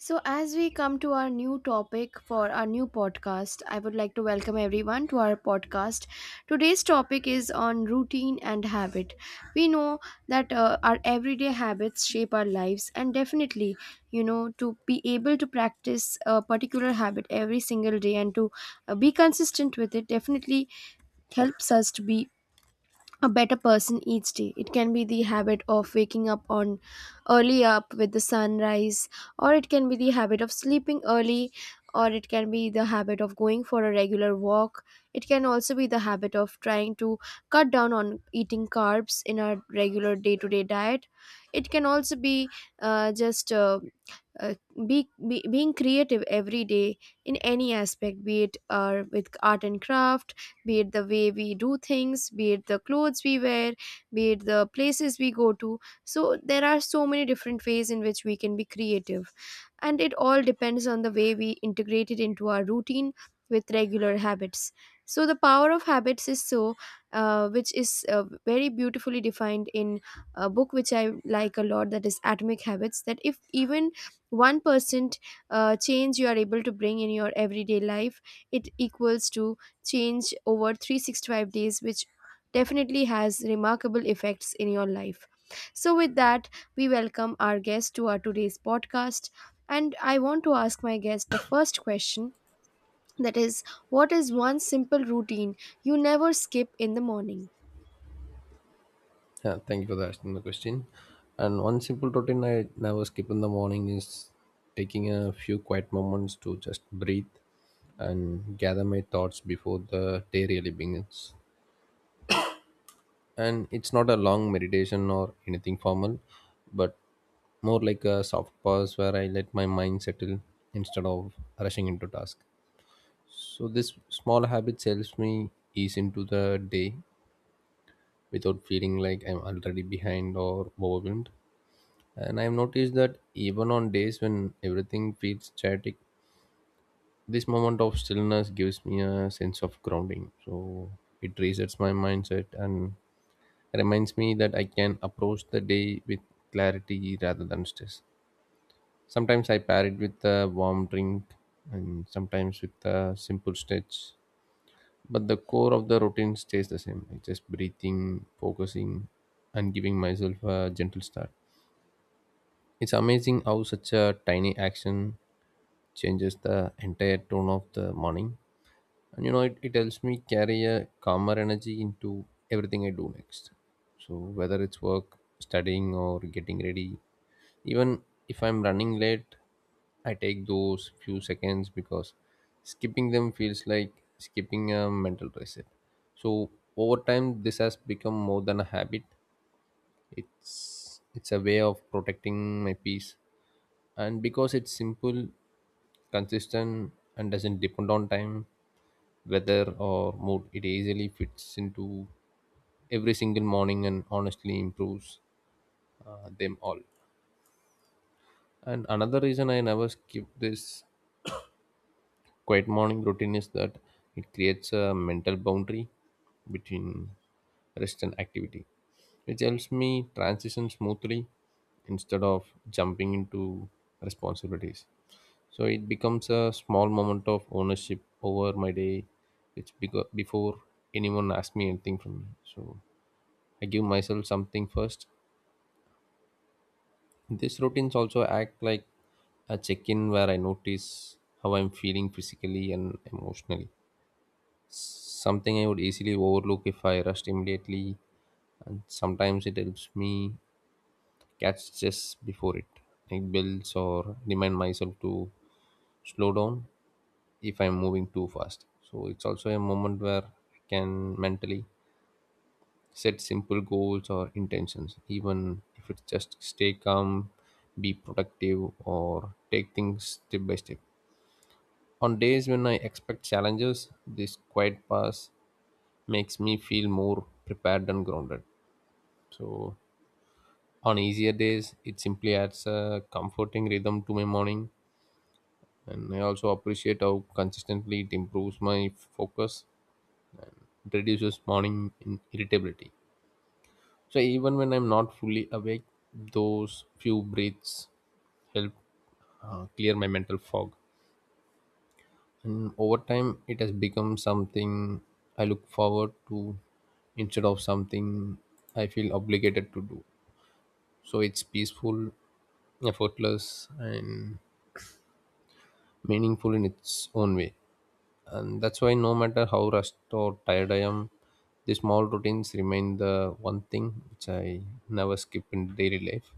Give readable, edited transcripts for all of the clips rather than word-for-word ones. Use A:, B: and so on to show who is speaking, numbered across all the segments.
A: So, as we come to our new topic for our new podcast, I would like to welcome everyone to our podcast. Today's topic is on routine and habit. We know that our everyday habits shape our lives, and definitely, you know, to be able to practice a particular habit every single day and to be consistent with it definitely helps us to be a better person each day. It can be the habit of waking up on early up with the sunrise, or it can be the habit of sleeping early, or it can be the habit of going for a regular walk. It can also be the habit of trying to cut down on eating carbs in our regular day to day diet. It can also be uh, just uh, uh, being creative every day in any aspect, be it with art and craft, be it the way we do things, be it the clothes we wear, be it the places we go to. So there are so many different ways in which we can be creative. And it all depends on the way we integrate it into our routine with regular habits. So the power of habits is so, which is very beautifully defined in a book which I like a lot, that is Atomic Habits. That if even 1% change you are able to bring in your everyday life, it equals to change over 365 days, which definitely has remarkable effects in your life. So with that, we welcome our guest to our today's podcast, and I want to ask my guest the first question, that is, what is one simple routine you never skip in the morning?
B: Yeah, thank you for asking the question. And one simple routine I never skip in the morning is taking a few quiet moments to just breathe and gather my thoughts before the day really begins. And it's not a long meditation or anything formal, but more like a soft pause where I let my mind settle instead of rushing into task. So this small habit helps me ease into the day without feeling like I'm already behind or overwhelmed. And I've noticed that even on days when everything feels static, this moment of stillness gives me a sense of grounding. So it resets my mindset and reminds me that I can approach the day with clarity rather than stress. Sometimes I pair it with a warm drink and sometimes with a simple stretch. But the core of the routine stays the same. It's just breathing, focusing, and giving myself a gentle start. It's amazing how such a tiny action changes the entire tone of the morning. And it helps me carry a calmer energy into everything I do next. So, whether it's work, studying, or getting ready, even if I'm running late, I take those few seconds because skipping them feels like skipping a mental reset. So, over time, this has become more than a habit. It's it's a way of protecting my peace, and because it's simple, consistent, and doesn't depend on time, weather, or mood, it easily fits into every single morning and honestly improves them all. And another reason I never skip this quiet morning routine is that it creates a mental boundary between rest and activity, which helps me transition smoothly instead of jumping into responsibilities. So it becomes a small moment of ownership over my day, which before anyone asks me anything from me. So I give myself something first. These routines also act like a check-in where I notice how I'm feeling physically and emotionally. Something I would easily overlook if I rushed immediately, and sometimes it helps me catch just before it. It builds or remind myself to slow down if I'm moving too fast. So it's also a moment where I can mentally set simple goals or intentions, even if it's just stay calm, be productive, or take things step by step. On days when I expect challenges, this quiet pass makes me feel more prepared and grounded. So on easier days, it simply adds a comforting rhythm to my morning. And I also appreciate how consistently it improves my focus. It reduces morning irritability. So even when I'm not fully awake, those few breaths help clear my mental fog. And over time, it has become something I look forward to instead of something I feel obligated to do. So it's peaceful, effortless, and meaningful in its own way. And that's why no matter how rushed or tired I am, the small routines remain the one thing which I never skip in daily life.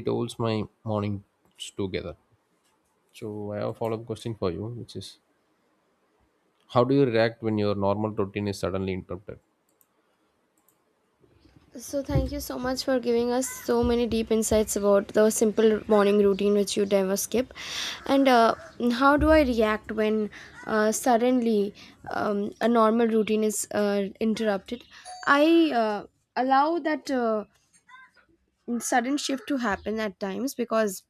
B: It holds my mornings together. So I have a follow-up question for you, which is, how do you react when your normal routine is suddenly interrupted?
A: So, thank you so much for giving us so many deep insights about the simple morning routine which you never skip. And how do I react when suddenly a normal routine is interrupted? I allow that. Sudden shift to happen at times because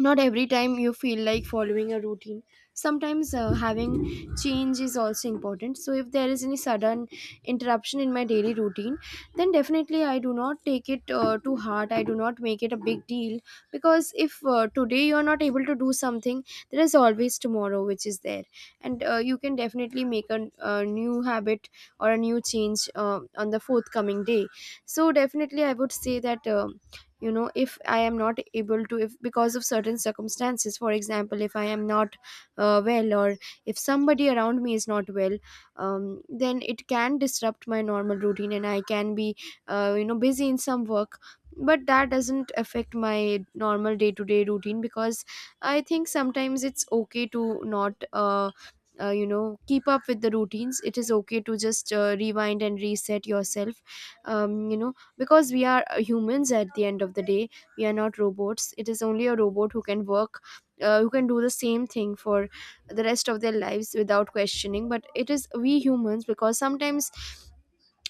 A: not every time you feel like following a routine. Sometimes having change is also important. So if there is any sudden interruption in my daily routine, then definitely I do not take it to heart, I do not make it a big deal. Because if today you are not able to do something, there is always tomorrow which is there, and you can definitely make a new habit or a new change on the forthcoming day. So definitely I would say that, you know, if I am not able to, if because of certain circumstances, for example, if I am not well, or if somebody around me is not well, then it can disrupt my normal routine and I can be, you know, busy in some work, but that doesn't affect my normal day to day routine. Because I think sometimes it's okay to not you know, keep up with the routines. It is okay to just rewind and reset yourself, you know, because we are humans at the end of the day. We are not robots. It is only a robot who can work, who can do the same thing for the rest of their lives without questioning. But it is we humans, because sometimes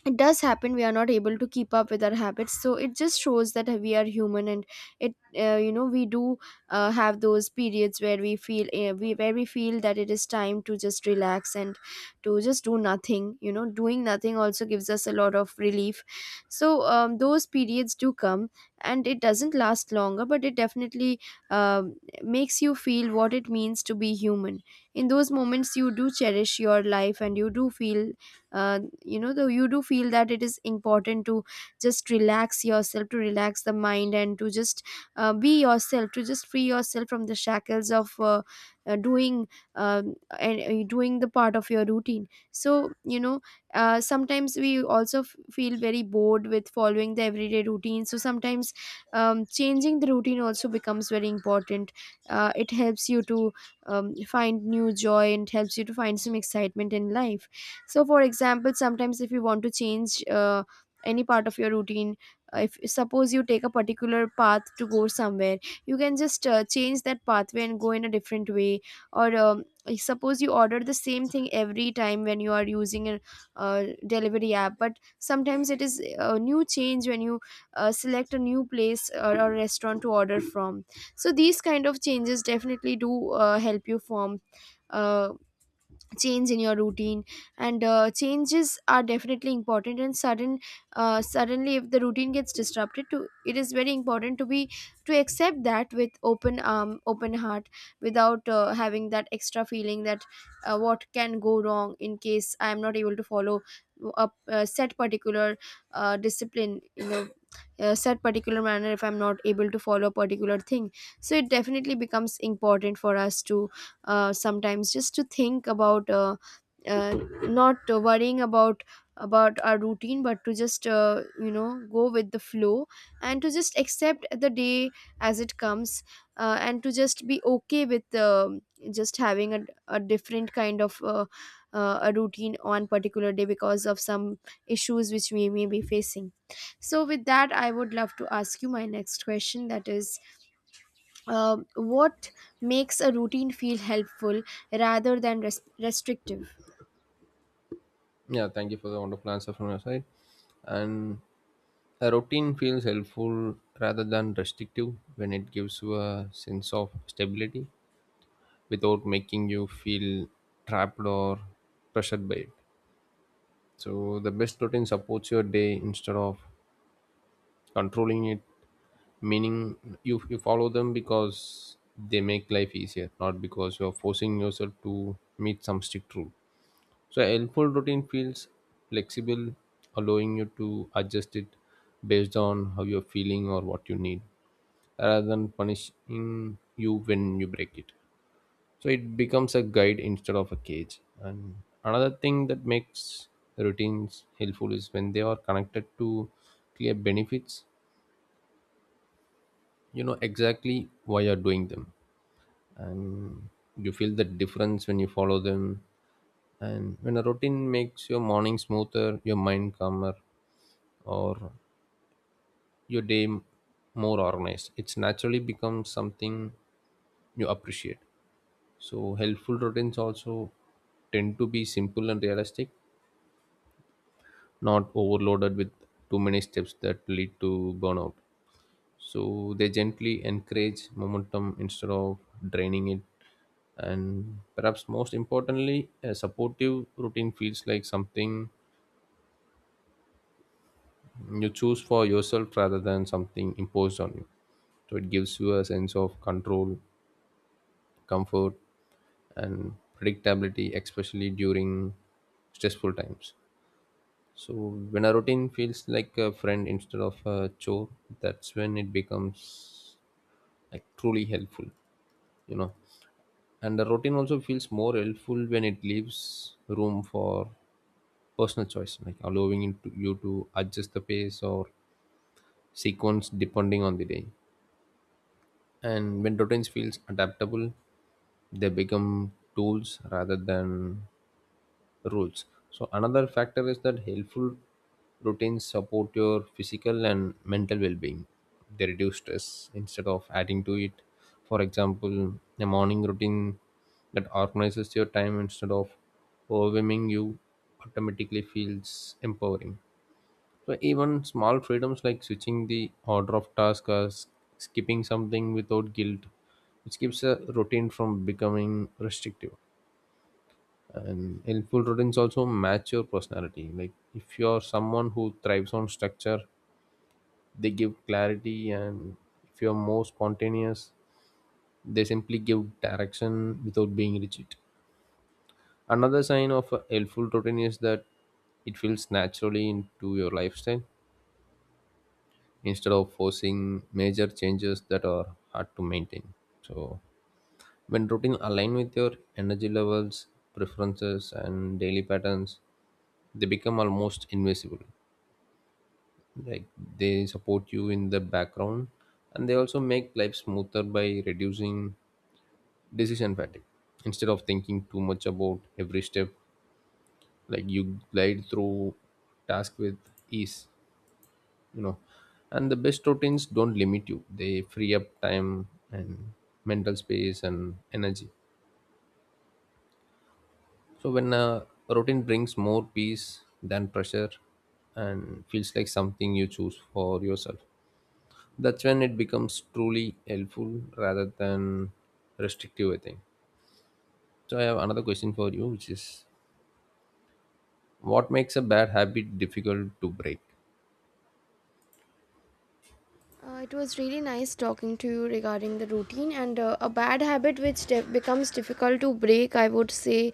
A: it does happen we are not able to keep up with our habits. So it just shows that we are human, and it, you know, we do have those periods where we feel, we where we feel that it is time to just relax and to just do nothing. You know, doing nothing also gives us a lot of relief. So those periods do come, and it doesn't last longer, but it definitely um, makes you feel what it means to be human. In those moments you do cherish your life, and you do feel, you know, though you do feel that it is important to just relax yourself, to relax the mind, and to just be yourself, to just free yourself from the shackles of doing, and doing the part of your routine. So you know, sometimes we also feel very bored with following the everyday routine. So sometimes changing the routine also becomes very important. It helps you to find new joy and helps you to find some excitement in life. So for example, sometimes if you want to change any part of your routine, if suppose you take a particular path to go somewhere, you can just change that pathway and go in a different way. Or like, suppose you order the same thing every time when you are using a delivery app. But sometimes it is a new change when you select a new place or a restaurant to order from. So these kind of changes definitely do help you form uh, change in your routine. And changes are definitely important. And suddenly if the routine gets disrupted to it is very important to be, to accept that with open, open heart, without having that extra feeling that what can go wrong in case I am not able to follow a set particular discipline, you know, a set particular manner, if I'm not able to follow a particular thing. So it definitely becomes important for us to sometimes just to think about not worrying about our routine, but to just, you know, go with the flow and to just accept the day as it comes, and to just be okay with just having a different kind of a routine on particular day because of some issues which we may be facing. So with that, I would love to ask you my next question, that is, what makes a routine feel helpful rather than restrictive?
B: Yeah, thank you for the wonderful answer from your side. And a routine feels helpful rather than restrictive when it gives you a sense of stability without making you feel trapped or pressured by it. So the best routine supports your day instead of controlling it. Meaning, you follow them because they make life easier, not because you are forcing yourself to meet some strict rule. So a helpful routine feels flexible, allowing you to adjust it based on how you're feeling or what you need, rather than punishing you when you break it. So it becomes a guide instead of a cage. And another thing that makes the routines helpful is when they are connected to clear benefits. You know exactly why you're doing them, and you feel the difference when you follow them. And when a routine makes your morning smoother, your mind calmer, or your more organized, it's naturally becomes something you appreciate. So helpful routines also tend to be simple and realistic, not overloaded with too many steps that lead to burnout. So they gently encourage momentum instead of draining it. And perhaps most importantly, a supportive routine feels like something you choose for yourself rather than something imposed on you. So it gives you a sense of control, comfort, and predictability, especially during stressful times. So when a routine feels like a friend instead of a chore, that's when it becomes like truly helpful, you know. And the routine also feels more helpful when it leaves room for personal choice, like allowing you to adjust the pace or sequence depending on the day. And when routines feels adaptable, they become tools rather than rules. So another factor is that helpful routines support your physical and mental well-being. They reduce stress instead of adding to it. For example, a morning routine that organizes your time instead of overwhelming you automatically feels empowering. So even small freedoms like switching the order of tasks or skipping something without guilt, which keeps a routine from becoming restrictive. And helpful routines also match your personality. Like if you're someone who thrives on structure, they give clarity, and if you're more spontaneous, they simply give direction without being rigid. Another sign of a helpful routine is that it feels naturally into your lifestyle instead of forcing major changes that are hard to maintain. So when routine align with your energy levels, preferences, and daily patterns, they become almost invisible, like they support you in the background. And they also make life smoother by reducing decision fatigue. Instead of thinking too much about every step, like you glide through task with ease, you know. And the best routines don't limit you, they free up time and mental space and energy. So when a routine brings more peace than pressure and feels like something you choose for yourself, that's when it becomes truly helpful rather than restrictive, I think. So I have another question for you, which is, what makes a bad habit difficult to break?
A: It was really nice talking to you regarding the routine. And a bad habit which becomes difficult to break, I would say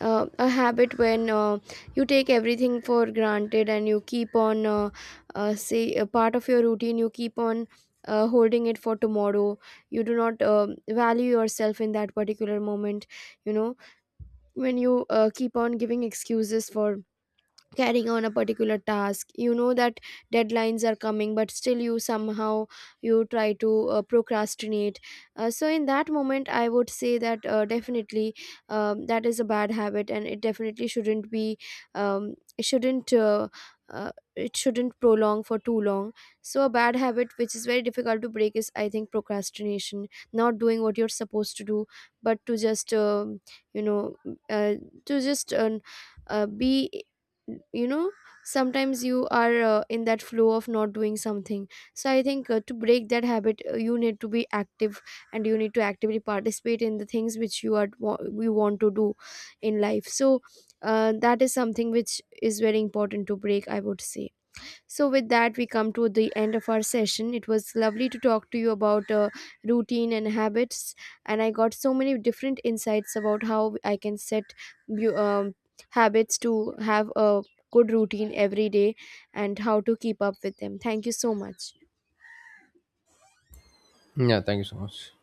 A: a habit when you take everything for granted and you keep on, say, a part of your routine, you keep on holding it for tomorrow. You do not value yourself in that particular moment, you know, when you keep on giving excuses for carrying on a particular task. You know that deadlines are coming, but still you somehow, you try to procrastinate. So in that moment I would say that, definitely, that is a bad habit, and it definitely shouldn't be, um, it shouldn't uh, it shouldn't prolong for too long. So a bad habit which is very difficult to break is, I think, procrastination. Not doing what you're supposed to do, but to just you know uh, to just uh, be, you know, sometimes you are in that flow of not doing something. So I think to break that habit you need to be active, and you need to actively participate in the things which you are you want to do in life. So that is something which is very important to break, I would say. So, with that, we come to the end of our session. It was lovely to talk to you about routine and habits, and I got so many different insights about how I can set bu- um, habits to have a good routine every day and how to keep up with them. Thank you so much.
B: Yeah, thank you so much.